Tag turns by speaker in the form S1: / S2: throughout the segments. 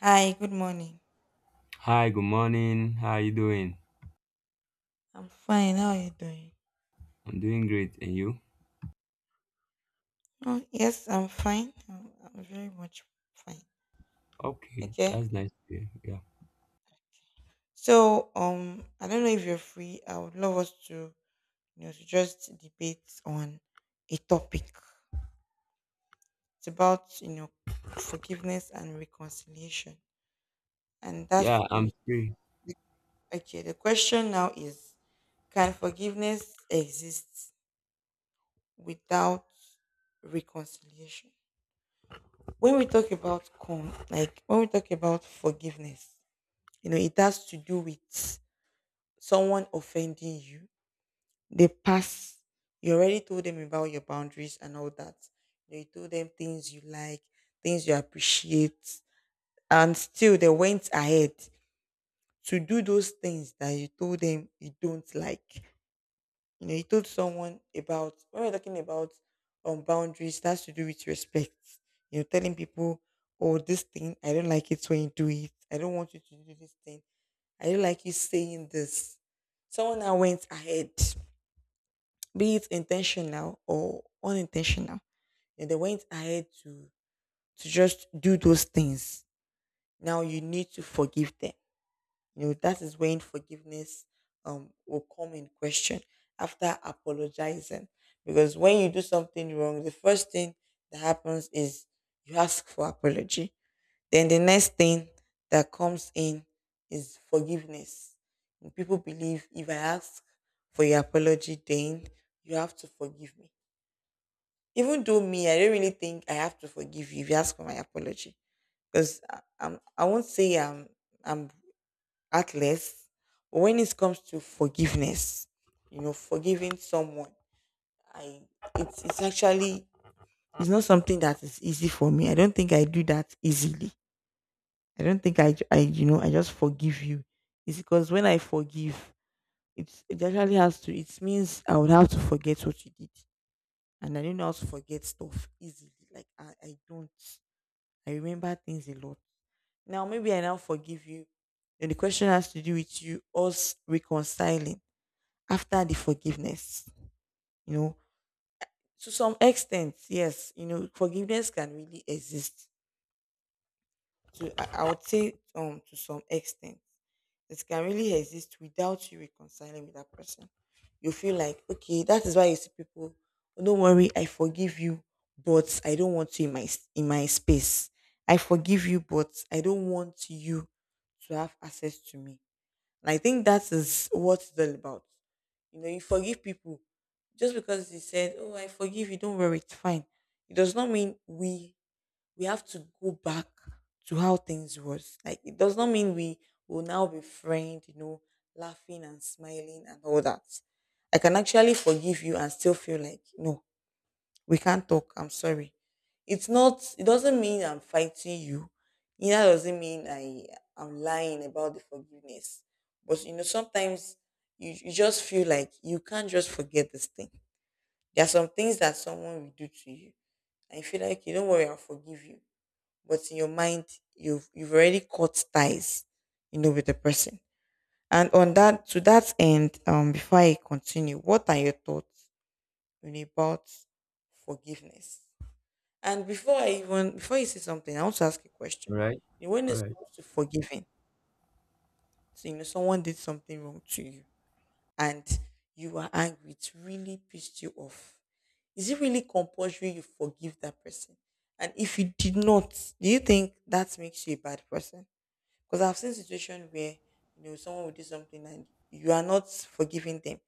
S1: Hi, good morning.
S2: Hi, good morning. How are you doing?
S1: I'm fine. How are you doing?
S2: I'm doing great. And you?
S1: Oh, yes, I'm fine. I'm very much fine.
S2: Okay,
S1: Okay.
S2: that's nice to hear. Yeah.
S1: So, I don't know if you're free. I would love us to, you know, to just debate on a topic. It's about, you know, forgiveness and reconciliation, and that's
S2: Yeah,
S1: to do
S2: I'm
S1: with.
S2: free.
S1: Okay, the question now is, can forgiveness exist without reconciliation? When we talk about con like when we talk about forgiveness, you know, it has to do with someone offending you, they pass, you already told them about your boundaries and all that, you told them things you like, things you appreciate, and still they went ahead to do those things that you told them you don't like. You know, he told someone about when we're talking about boundaries, that's to do with respect. You know, telling people, oh, this thing, I don't like it when you do it. I don't want you to do this thing. I don't like you saying this. Someone that went ahead, be it intentional or unintentional, and they went ahead to just do those things. Now you need to forgive them, you know, that is when forgiveness will come in question after apologizing. Because when you do something wrong, the first thing that happens is you ask for apology. Then the next thing that comes in is forgiveness. And people believe if I ask for your apology, then you have to forgive me. Even though me, I don't really think I have to forgive you if you ask for my apology. Because I won't say I'm heartless. But when it comes to forgiveness, you know, forgiving someone, I it's actually it's not something that is easy for me. I don't think I do that easily. I don't think I, ju- I you know I just forgive you. It's because when I forgive, it actually has to. It means I would have to forget what you did, and I don't know how to forget stuff easily. Like I don't. I remember things a lot. Now maybe I now forgive you, and the question has to do with you us reconciling after the forgiveness, you know, to some extent yes, you know, forgiveness can really exist. I would say to some extent it can really exist without you reconciling with that person. You feel like, okay, that is why you see people, "Oh, don't worry, I forgive you, but I don't want you in in my space. I forgive you, but I don't want you to have access to me." And I think that is what it's all about. You know, you forgive people just because they said, "Oh, I forgive you. Don't worry, it's fine." It does not mean we have to go back to how things was. Like it does not mean we will now be friends. You know, laughing and smiling and all that. I can actually forgive you and still feel like no, we can't talk. I'm sorry. It doesn't mean I'm fighting you. Neither does not mean I'm lying about the forgiveness. But you know, sometimes you just feel like you can't just forget this thing. There are some things that someone will do to you. And you feel like, okay, don't worry, I'll forgive you. But in your mind, you've already cut ties, you know, with the person. And on that end, before I continue, what are your thoughts, you know, about forgiveness? And before I even before you say something, I want to ask a
S2: All
S1: question.
S2: right.
S1: You know, when
S2: All
S1: it
S2: right.
S1: comes to forgiving, so you know someone did something wrong to you and you were angry, it really pissed you off. Is it really compulsory you forgive that person? And if you did not, do you think that makes you a bad person? Because I've seen situation where you know someone will do something and you are not forgiving them,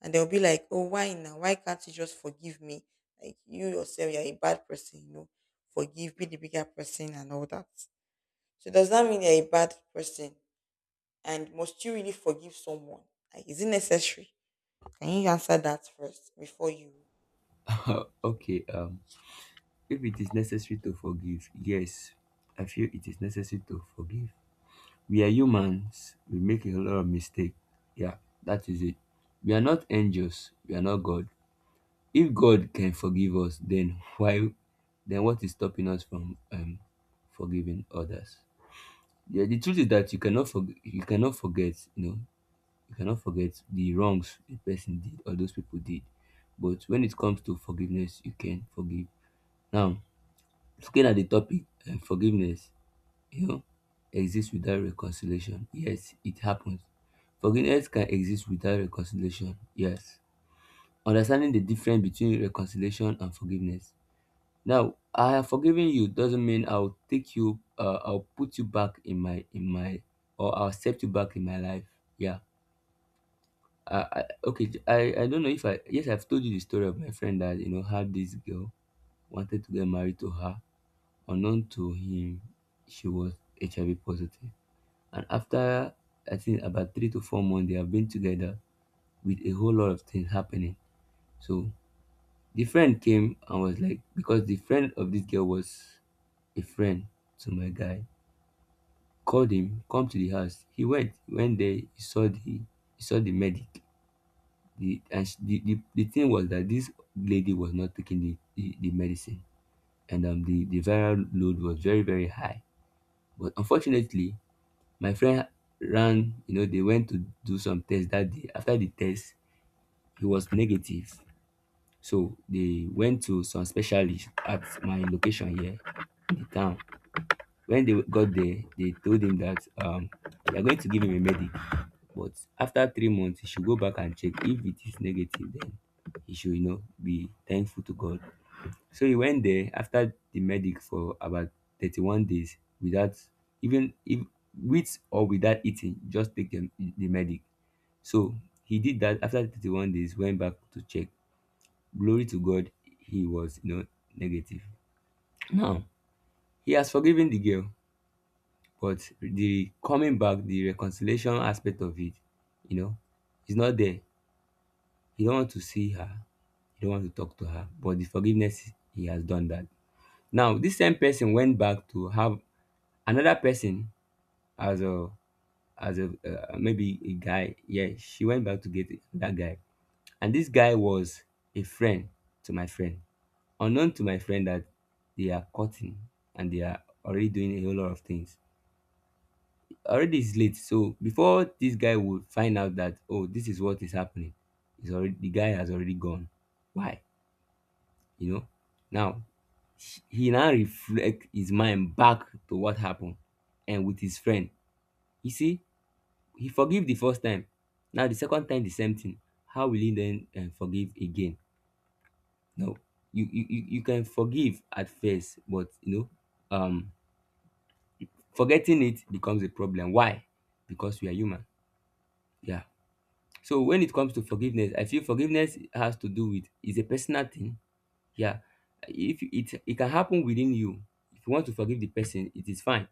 S1: and they'll be like, "Oh, why now? Why can't you just forgive me? Like you yourself, you're a bad person. You know, forgive, be the bigger person, and all that." So does that mean you're a bad person? And must you really forgive someone? Like, is it necessary? Can you answer that first before you give me?
S2: okay. If it is necessary to forgive, yes, I feel it is necessary to forgive. We are humans. We make a lot of mistakes. Yeah, that is it. We are not angels. We are not God. If God can forgive us, then why? Then what is stopping us from forgiving others? Yeah, the truth is that you cannot forget. You cannot forget. You know, you cannot forget the wrongs a person did or those people did. But when it comes to forgiveness, you can forgive. Now, looking at the topic, forgiveness, you know, exists without reconciliation. Yes, it happens. Forgiveness can exist without reconciliation. Yes. Understanding the difference between reconciliation and forgiveness. Now, I have forgiven you doesn't mean I'll take you, I'll put you back in my or I'll accept you back in my life. Yeah. I okay. I don't know if I yes I've told you the story of my friend that you know had this girl wanted to get married to her. Unknown to him, she was HIV positive, and after I think about 3 to 4 months they have been together with a whole lot of things happening. So the friend came and was like because the friend of this girl was a friend to my guy called him come to the house. He went, there, he saw the medic. The, and she, the thing was that this lady was not taking the medicine and the viral load was very, very high. But unfortunately, my friend ran, you know, they went to do some tests that day. After the test, he was negative. So they went to some specialist at my location here in the town. When they got there, they told him that they are going to give him a medic, but after 3 months, he should go back and check. If it is negative, then he should, you know, be thankful to God. So he went there after the medic for about 31 days without even if with or without eating, just take the medic. So he did that after 31 days, went back to check. Glory to God, he was, you know, negative. Now, he has forgiven the girl but the coming back, the reconciliation aspect of it, you know, is not there. He don't want to see her, he don't want to talk to her, but the forgiveness he has done that. Now this same person went back to have another person as a maybe a guy. Yeah, she went back to get that guy, and this guy was a friend to my friend, unknown to my friend that they are cutting and they are already doing a whole lot of things already. It's late, so before this guy would find out that oh this is what is happening is already the guy has already gone. Why? You know, now he now reflect his mind back to what happened and with his friend, you see, he forgive the first time. Now the second time the same thing, how will he then forgive again? No, you can forgive at first but you know, forgetting it becomes a problem. Why? Because we are human. Yeah. So when it comes to forgiveness, I feel forgiveness has to do with is a personal thing. Yeah, if it it can happen within you. If you want to forgive the person, it is fine.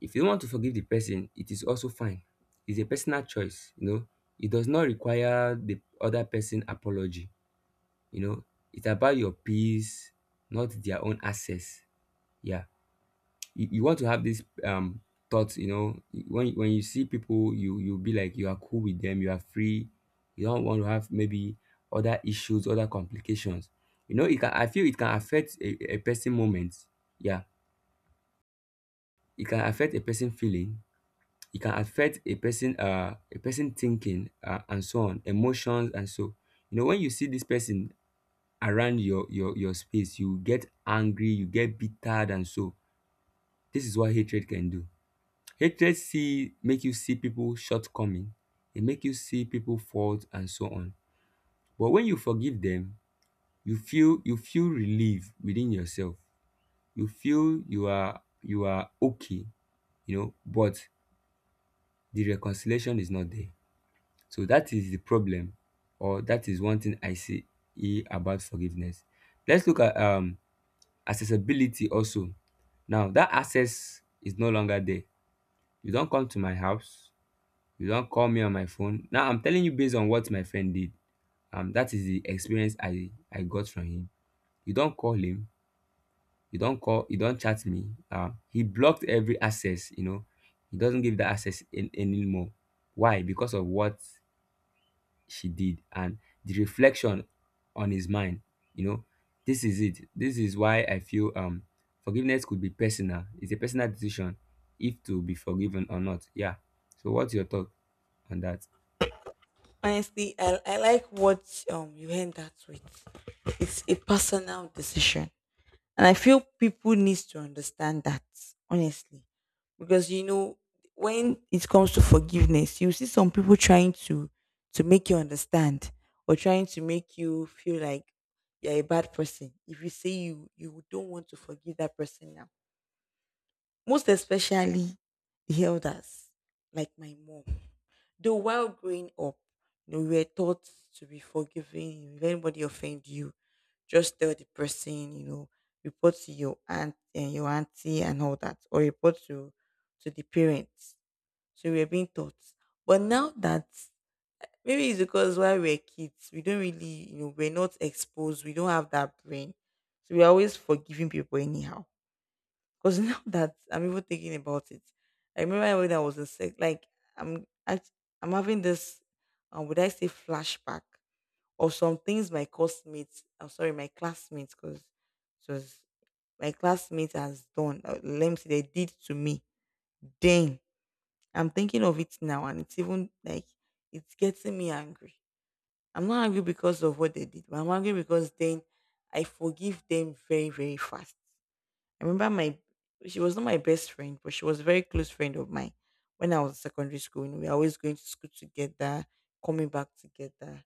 S2: If you don't want to forgive the person, it is also fine. It's a personal choice. You know, it does not require the other person apology. You know, it's about your peace, not their own access. Yeah. You you, want to have this thoughts, you know, when you see people you be like you are cool with them, you are free. You don't want to have maybe other issues, other complications. You know, it can, I feel it can affect a person moment. Yeah, it can affect a person feeling, it can affect a person thinking, and so on, emotions and so. You know, when you see this person around your space you get angry, you get bittered, and so. This is what hatred can do. Hatred see make you see people shortcoming, it make you see people fault and so on. But when you forgive them, you feel relief within yourself. You feel you are okay, you know, but the reconciliation is not there. So that is the problem, or that is one thing I see e about forgiveness. Let's look at accessibility also. Now that access is no longer there. You don't come to my house, you don't call me on my phone. Now I'm telling you based on what my friend did. That is the experience I got from him. You don't call him. You don't call. You don't chat me. He blocked every access. You know, he doesn't give that access in, anymore. Why? Because of what she did and the reflection on his mind. You know, this is it. This is why I feel forgiveness could be personal. It's a personal decision if to be forgiven or not. Yeah. So what's your thought on that?
S1: Honestly, I like what you end that with. It's a personal decision. And I feel people needs to understand that, honestly. Because you know, when it comes to forgiveness, you see some people trying to make you understand or trying to make you feel like you're a bad person. If you say you don't want to forgive that person now. Most especially the elders, like my mom. Though while growing up, you know, we were taught to be forgiving. If anybody offend you, just tell the person, you know, report to your aunt and your auntie and all that, or report to the parents. So we are being taught. But now that maybe it's because while we're kids, we don't really, you know, we're not exposed, we don't have that brain. So we're always forgiving people anyhow because now that I'm even thinking about it, I remember when I was in sec, like I'm act- I'm having this, would I say flashback of some things my classmates, I'm sorry, my classmates, because it was my classmates has done. Let me see, they did to me. Then I'm thinking of it now, and it's even like it's getting me angry. I'm not angry because of what they did, but I'm angry because then I forgive them very, very fast. I remember my she was not my best friend, but she was a very close friend of mine when I was in secondary school. And we were always going to school together, coming back together.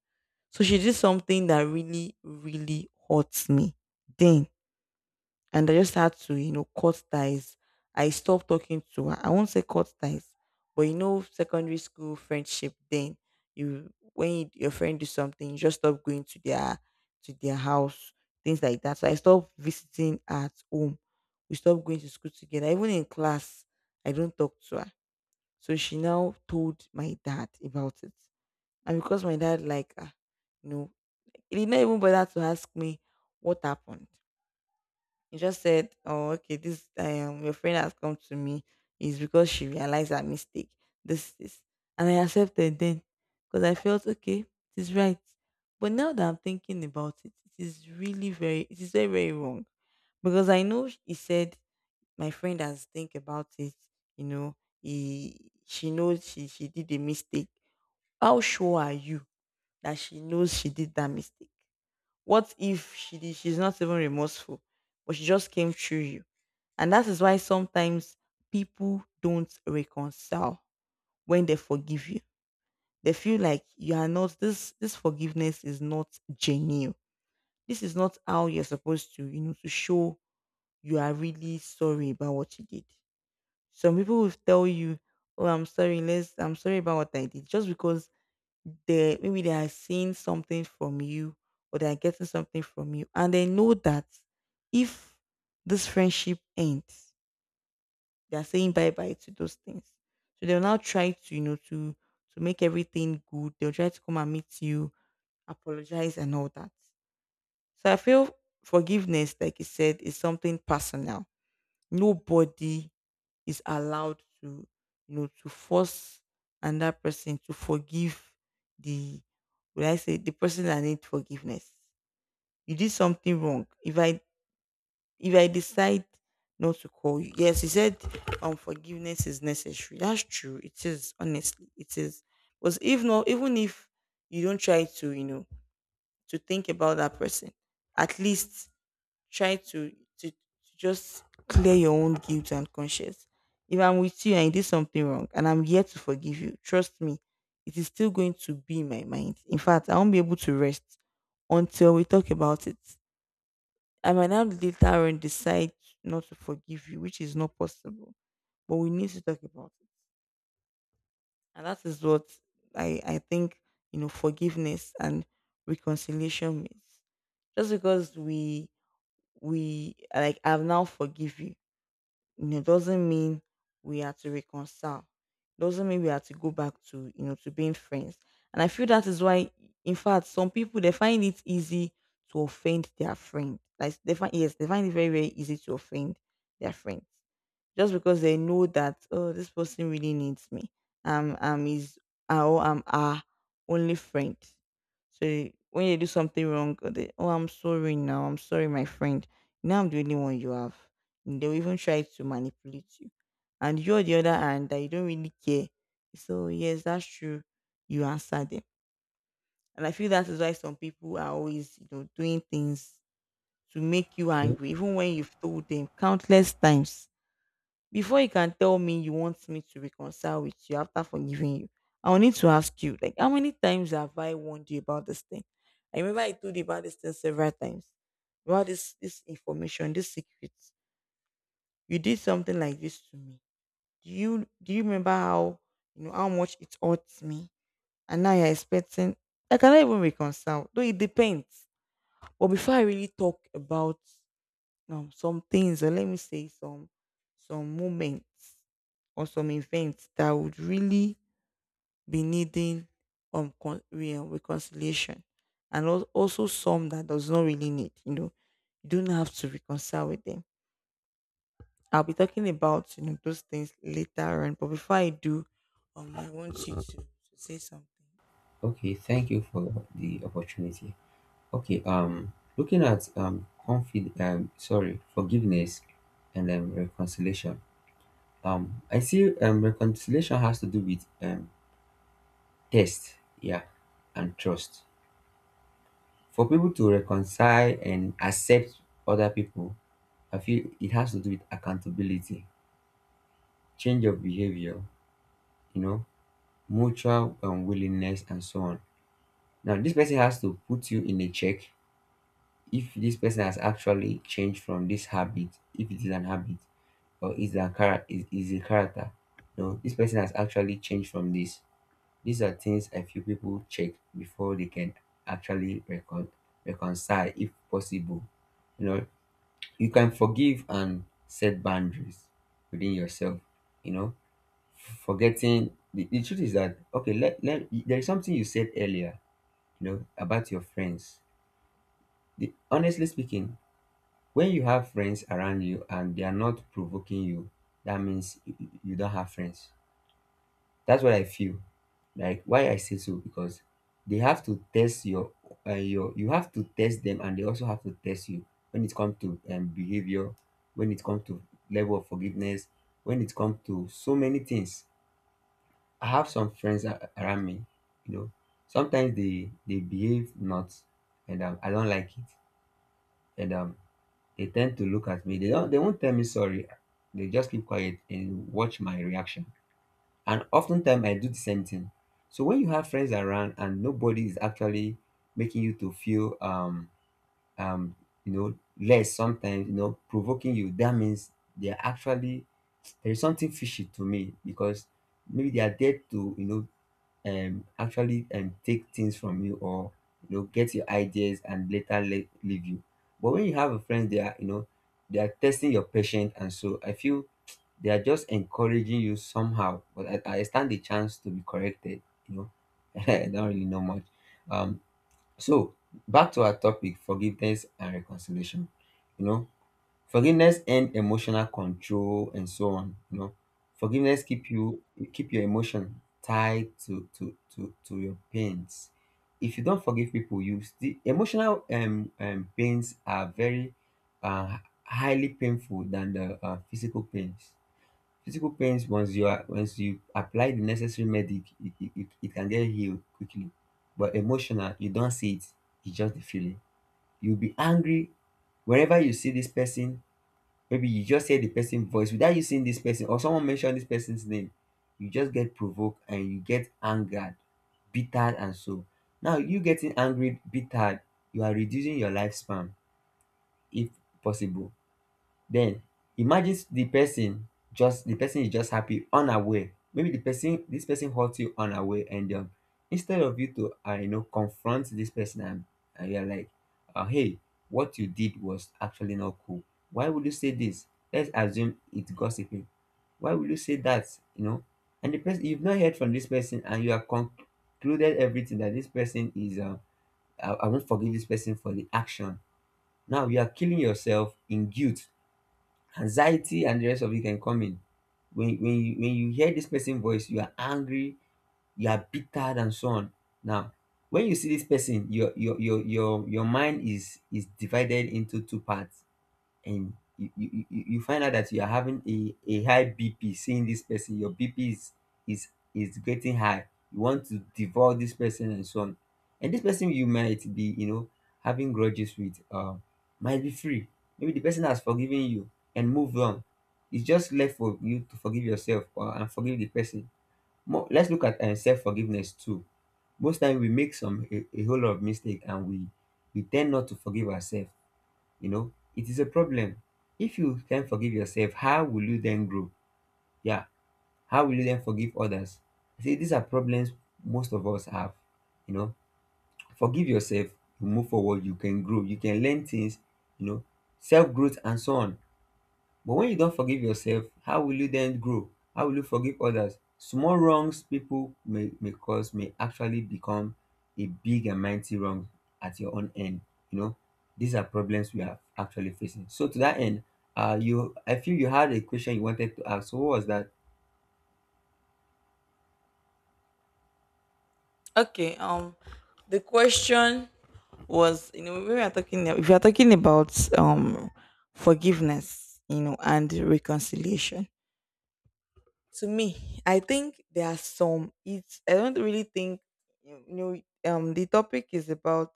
S1: So she did something that really, really hurts me. Then and I just had to, you know, cut ties. I stopped talking to her. I won't say cut ties, but you know, secondary school friendship. Then when your friend do something, you just stop going to their house, things like that. So I stopped visiting her at home. We stopped going to school together. Even in class, I don't talk to her. So she now told my dad about it, and because my dad like her, you know, he did not even bother to ask me what happened. You just said, "Oh, okay, this your friend has come to me is because she realized her mistake. This is and I accepted then because I felt okay, it is right." But now that I'm thinking about it, it is really very it is very, very wrong. Because I know he said my friend has think about it, you know, he she knows she did a mistake. How sure are you that she knows she did that mistake? What if she's not even remorseful, but she just came through you? And that is why sometimes people don't reconcile when they forgive you. They feel like you are not this forgiveness is not genuine. This is not how you're supposed to, you know, to show you are really sorry about what you did. Some people will tell you, "Oh, I'm sorry about what I did." Just because they maybe they are seeing something from you or they are getting something from you. And they know that if this friendship ends, they are saying bye bye to those things. So they'll now try to, you know, to make everything good. They'll try to come and meet you, apologize and all that. So I feel forgiveness, like you said, is something personal. Nobody is allowed to, you know, to force another person to forgive the would I say the person that needs forgiveness. You did something wrong. If I decide not to call you. Yes, he said forgiveness is necessary. That's true. It is, honestly, it is. Because if not, even if you don't try to, you know, to think about that person, at least try to to just clear your own guilt and conscience. If I'm with you and you did something wrong and I'm here to forgive you, trust me, it is still going to be in my mind. In fact, I won't be able to rest until we talk about it. I might now later on decide not to forgive you, which is not possible. But we need to talk about it. And that is what I think, you know, forgiveness and reconciliation means. Just because we like I've now forgive you, you know, doesn't mean we have to reconcile. Doesn't mean we have to go back to, you know, to being friends. And I feel that is why, in fact, some people they find it easy to offend their friend. Like they find yes, they find it very, very easy to offend their friends just because they know that, oh, this person really needs me, is, oh, I'm our only friend. So when you do something wrong, they, oh, I'm sorry, now I'm sorry my friend, now I'm the only one you have. And they'll even try to manipulate you, and you on the other hand that you don't really care. So yes, that's true, you answer them. And I feel that is why some people are always, you know, doing things to make you
S2: Okay.
S1: angry even when you've told them countless times. Before you can tell me you want me to reconcile with you after forgiving you, I'll need to ask you, like, how many times have I warned you about this thing? I remember I told you about this thing several times. About this information, this secret. You did something like this to me. Do you remember how, you know, how much it hurts me? And now you're expecting I cannot even reconcile. Though it depends. But before I really talk about some things, or let me say some moments or some events that would really be needing reconciliation, and also some that does not really need, you know, you don't have to reconcile with them. I'll be talking about, you know, those things later on, but before I do, I want you to, say something.
S2: Okay, thank you for the opportunity. Okay, looking at confid sorry, yes, and relation. I see reconciliation has to do with test, yeah, and trust. For people to reconcile and accept other people, I feel it has to do with accountability, change of behavior, you know, mutual willingness, and so on. Now, this person has to put you in a check if this person has actually changed from this habit, if it is an habit or is their character is a character. No, this person has actually changed from this. These are things I feel people check before they can actually reconcile if possible. You know, you can forgive and set boundaries within yourself, you know. Forgetting the truth is that okay, let there is something you said earlier, you know, about your friends. The, honestly speaking, when you have friends around you and they are not provoking you, that means you you don't have friends. That's what I feel. Like why I say so because they have to test your you have to test them and they also have to test you when it comes to behavior, when it comes to level of forgiveness, when it comes to so many things. I have some friends around me, you know. Sometimes they behave not, and I don't like it, and they tend to look at me. They don't they won't tell me sorry. They just keep quiet and watch my reaction, and oftentimes I do the same thing. So when you have friends around and nobody is actually making you to feel um you know less sometimes, you know, provoking you, that means they are actually, there is something fishy to me because maybe they are there to, you know, actually take things from you or you know get your ideas and later leave you. But when you have a friend they are, you know, they are testing your patience and so I feel they are just encouraging you somehow but I stand the chance to be corrected, you know. I don't really know much. um so back to our topic, forgiveness and reconciliation, you know, forgiveness and emotional control and so on, you know. Forgiveness keep you, keep your emotion tied to your pains. If you don't forgive people you the emotional pains are very uh highly painful than the physical pains. Physical pains, once you are once you apply the necessary medic it it can get healed quickly, but emotional you don't see it. It's just the feeling. You'll be angry wherever you see this person, maybe you just hear the person voice without you seeing this person or someone mention this person's name, you just get provoked and you get angered, bittered and so. Now you getting angry, bittered, you are reducing your lifespan if possible. Then imagine the person, just the person is just happy unaware. Maybe the person this person hurt you unaware and instead of you to you know confront this person and you're like hey, what you did was actually not cool. Why would you say this? Let's assume it's gossiping. Why would you say that? You know? And the person, you've not heard from this person and you have concluded everything that this person is I won't forgive this person for the action. Now you are killing yourself in guilt, anxiety, and the rest of it can come in. When you hear this person's voice, you are angry, you are bitter, and so on. Now when you see this person, your mind is divided into two parts, and you find out that you are having a high BP seeing this person. Your BP is, is is getting high. You want to devour this person and so on. And this person you might be, you know, having grudges with might be free. Maybe the person has forgiven you and moved on. It's just left for you to forgive yourself or, and forgive the person. More, let's look at self-forgiveness too. Most time we make a whole lot of mistake, and we tend not to forgive ourselves. You know, it is a problem. If you can't forgive yourself, how will you then grow? Yeah. How will you then forgive others? See, these are problems most of us have, you know. Forgive yourself, you move forward, you can grow, you can learn things, you know, self growth and so on. But when you don't forgive yourself, how will you then grow? How will you forgive others? Small wrongs people may cause may actually become a big and mighty wrong at your own end. You know, these are problems we are actually facing. So to that end, you I feel you had a question you wanted to ask. So what was that?
S1: Okay, the question was, you know, we are talking, if you are talking about um forgiveness, you know, and reconciliation. To me I think there are some, it's, I don't really think, you know, the topic is about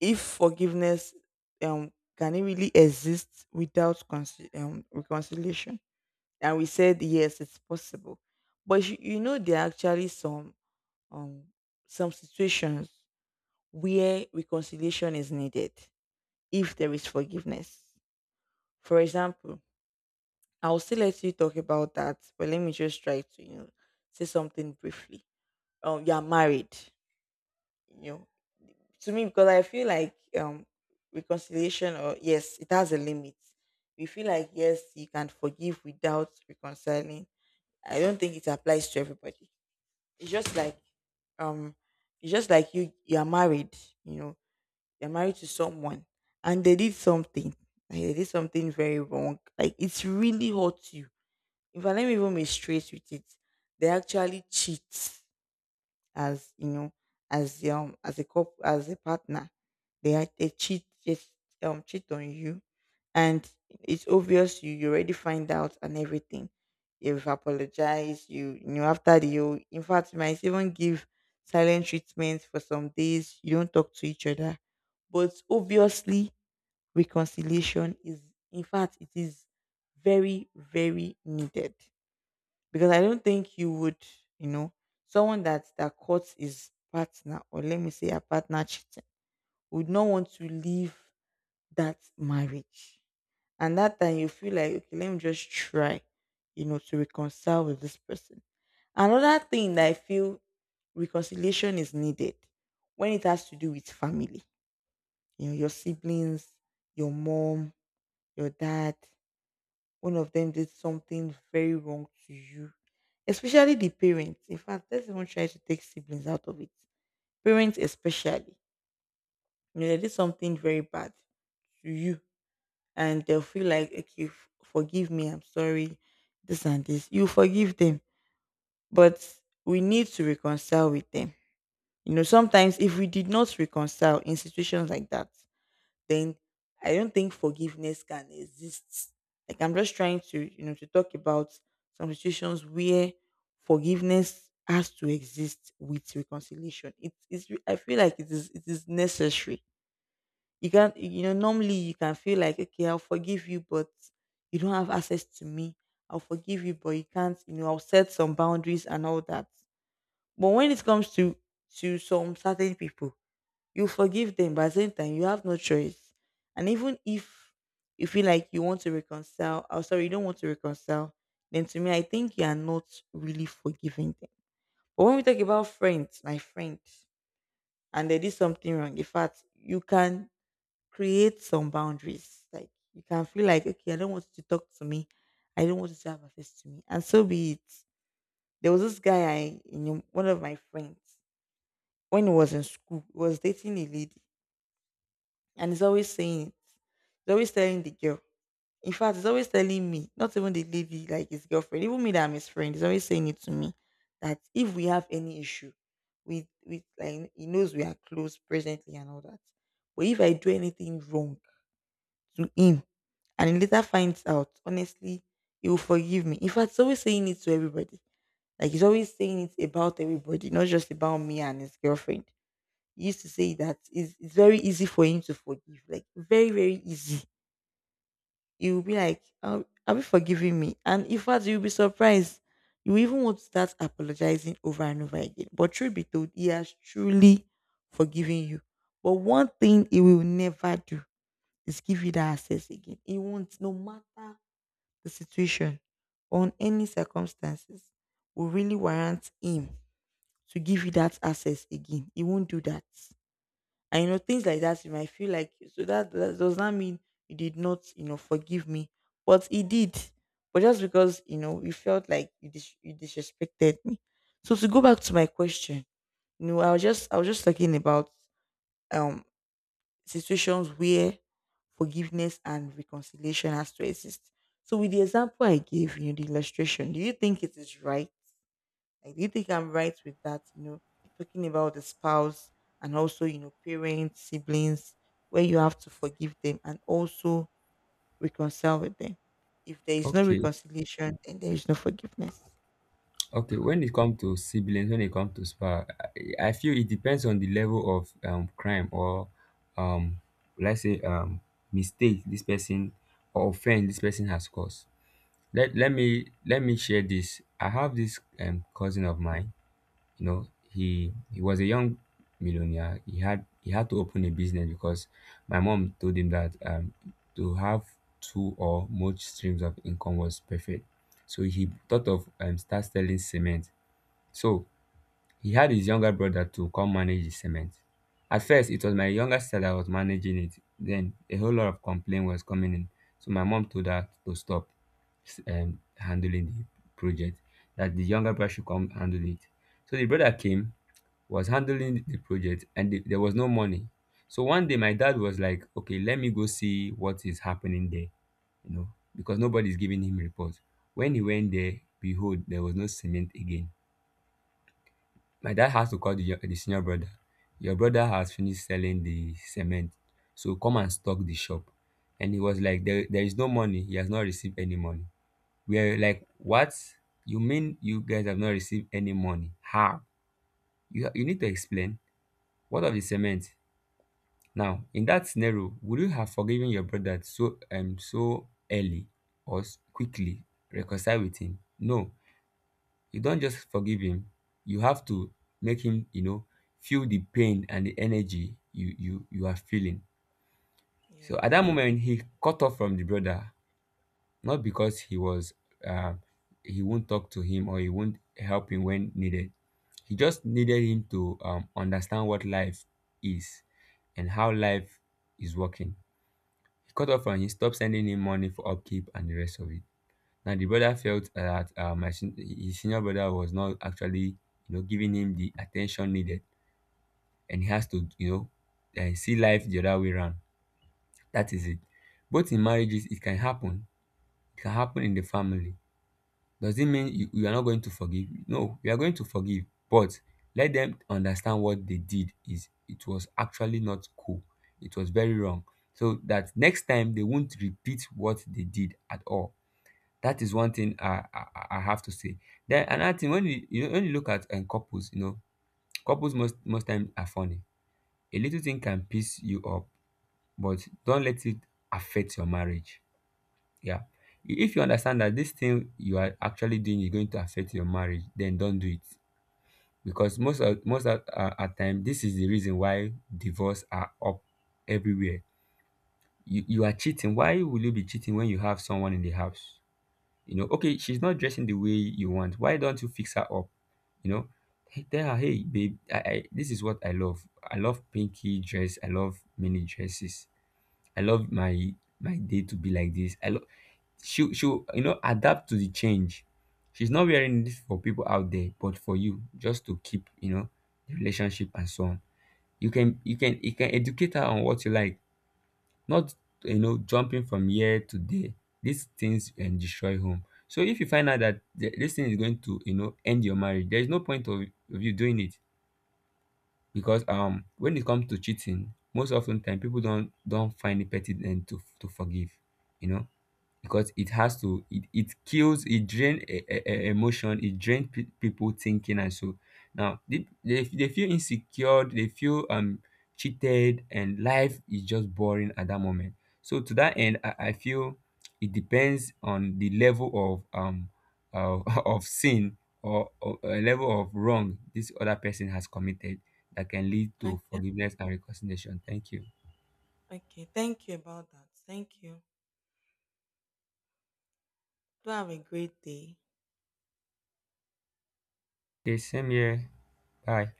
S1: if forgiveness, um can it really exist without reconciliation? And we said yes, it's possible, but you know there are actually um some situations where reconciliation is needed if there is forgiveness. For example, I'll still let you talk about that, but let me just try to, you know, say something briefly. You are married, you know, to me because I feel like reconciliation or yes, it has a limit. We feel like yes, you can forgive without reconciling. I don't think it applies to everybody. It's just like, um, it's just like you are married, you know. You're married to someone and they did something. Like they did something very wrong. Like it's really hurts you. If I, let me even be straight with it, they actually cheat, as you know, as a cop, as a partner, they cheat, just cheat on you, and it's obvious you, you already find out and everything. You've apologized, you know, after the, you, in fact, you might even give silent treatment for some days, you don't talk to each other. But obviously reconciliation is, in fact it is very, very needed, because I don't think you would, you know, someone that caught his partner, or let me say a partner cheating, would not want to leave that marriage. And that time you feel like, okay, let me just try, you know, to reconcile with this person. Another thing that I feel reconciliation is needed when it has to do with family, you know, your siblings, your mom, your dad, one of them did something very wrong to you, especially the parents. In fact, let's even try to take siblings out of it. Parents, especially, you know, they did something very bad to you, and they'll feel like, okay, forgive me, I'm sorry, this and this. You forgive them, but we need to reconcile with them. You know, sometimes if we did not reconcile in situations like that, then I don't think forgiveness can exist. Like I'm just trying to, you know, to talk about some situations where forgiveness has to exist with reconciliation. It is, I feel like it is, it is necessary. You can't, you know, normally you can feel like, okay, I'll forgive you, but you don't have access to me. I'll forgive you, but you can't, you know, I'll set some boundaries and all that. But when it comes to some certain people, you forgive them, but at the same time, you have no choice. And even if you feel like you want to reconcile, oh sorry, you don't want to reconcile, then to me, I think you are not really forgiving them. But when we talk about friends, my friends, and they did something wrong, in fact, you can create some boundaries. Like you can feel like, okay, I don't want you to talk to me. I don't want you to have access to me. And so be it. There was this guy I, you know, one of my friends, when he was in school, he was dating a lady and he's always saying it. He's always telling the girl. In fact, he's always telling me, not even the lady, like his girlfriend, even me that I'm his friend, he's always saying it to me that if we have any issue with like he knows we are close presently and all that. But if I do anything wrong to him and he later finds out, honestly, he will forgive me. In fact, he's always saying it to everybody. Like he's always saying it about everybody, not just about me and his girlfriend. He used to say that it's very easy for him to forgive, like very, very easy. You'll be like, "Have you forgiven me?" And in fact, you'll be surprised. You even want to start apologizing over and over again. But truth be told, he has truly forgiven you. But one thing he will never do is give you that access again. He won't, no matter the situation, on any circumstances, will really warrant him to give you that access again. He won't do that. And you know, things like that, you might feel like so that, that does not mean you did not, you know, forgive me. But he did. But just because, you know, you felt like you, you disrespected me. So to go back to my question, you know, I was just, I was just talking about um situations where forgiveness and reconciliation has to exist. So with the example I gave, you know, the illustration, do you think it is right, like, do you think I'm right with that? You know, talking about the spouse and also, you know, parents, siblings, where you have to forgive them and also reconcile with them. If there is no
S2: Okay,
S1: reconciliation, then there is no forgiveness.
S2: okay. When it comes to siblings, when it comes to spa, I feel it depends on the level of crime or um let's say mistake this person or offense this person has caused. Let me share this. I have this cousin of mine. You know, he was a young millionaire. He had to open a business because my mom told him that to have two or more streams of income was perfect. So he thought of start selling cement. So he had his younger brother to come manage the cement. At first it was my younger sister that was managing it, then a whole lot of complaint was coming in. So my mom told her to stop, handling the project, that the younger brother should come handle it. So the brother came, was handling the project, and the, there was no money. So one day my dad was like, okay, let me go see what is happening there, you know, because nobody's giving him report. When he went there, behold, there was no cement again. My dad has to call the, the senior brother. Your brother has finished selling the cement, so come and stock the shop. And he was like, there is no money. He has not received any money. We are like, what? You mean you guys have not received any money? How? You need to explain. What of the cement? Now in that scenario, would you have forgiven your brother so so early or quickly reconcile with him? No, you don't just forgive him. You have to make him, you know, feel the pain and the energy you are feeling. So at that
S1: Yes.
S2: moment he cut off from the brother, not because he was um he won't talk to him or he won't help him when needed. He just needed him to understand what life is and how life is working. He cut off and he stopped sending him money for upkeep and the rest of it. Now the brother felt that his senior brother was not actually, you know, giving him the attention needed, and he has to, you know, see life the other way around. That is it. Both in marriages, it can happen. It can happen in the family. Does it mean you are not going to forgive? No, you are going to forgive, but let them understand what they did is it was actually not cool. It was very wrong. So that next time they won't repeat what they did at all. That is one thing I have to say. Then another thing when you know, when you look at couples, you know, couples most times are funny. A little thing can piss you up, but don't let it affect your marriage. Yeah. If you understand that this thing you are actually doing is going to affect your marriage, then don't do it. Because most of at time, this is the reason why divorce are up everywhere. You are cheating. Why will you be cheating when you have someone in the house? You know, okay, she's not dressing the way you want. Why don't you fix her up? You know, hey, tell her, hey, babe, I, this is what I love. I love pinky dress. I love mini dresses. I love my day to be like this. I love, she'll, you know, adapt to the change. She's not wearing this for people out there, but for you, just to keep, you know, the relationship and so on. You can educate her on what you like, not, you know, jumping from year to day. These things can destroy home. So if you find out that this thing is going to, you know, end your marriage, there is no point of you doing it. Because when it comes to cheating, most often time people don't find it petty then to forgive. You know, because it has to, it kills, it drain emotion, it drain people thinking, and so now they feel insecure, they feel cheated, and life is just boring at that moment. So to that end, I feel it depends on the level of uh, of sin or a level of wrong this other person has committed that can lead to
S1: Okay.
S2: forgiveness and reconciliation. Thank you.
S1: Okay, thank you about that. Thank you. Do have a great day.
S2: Okay, same here. Bye.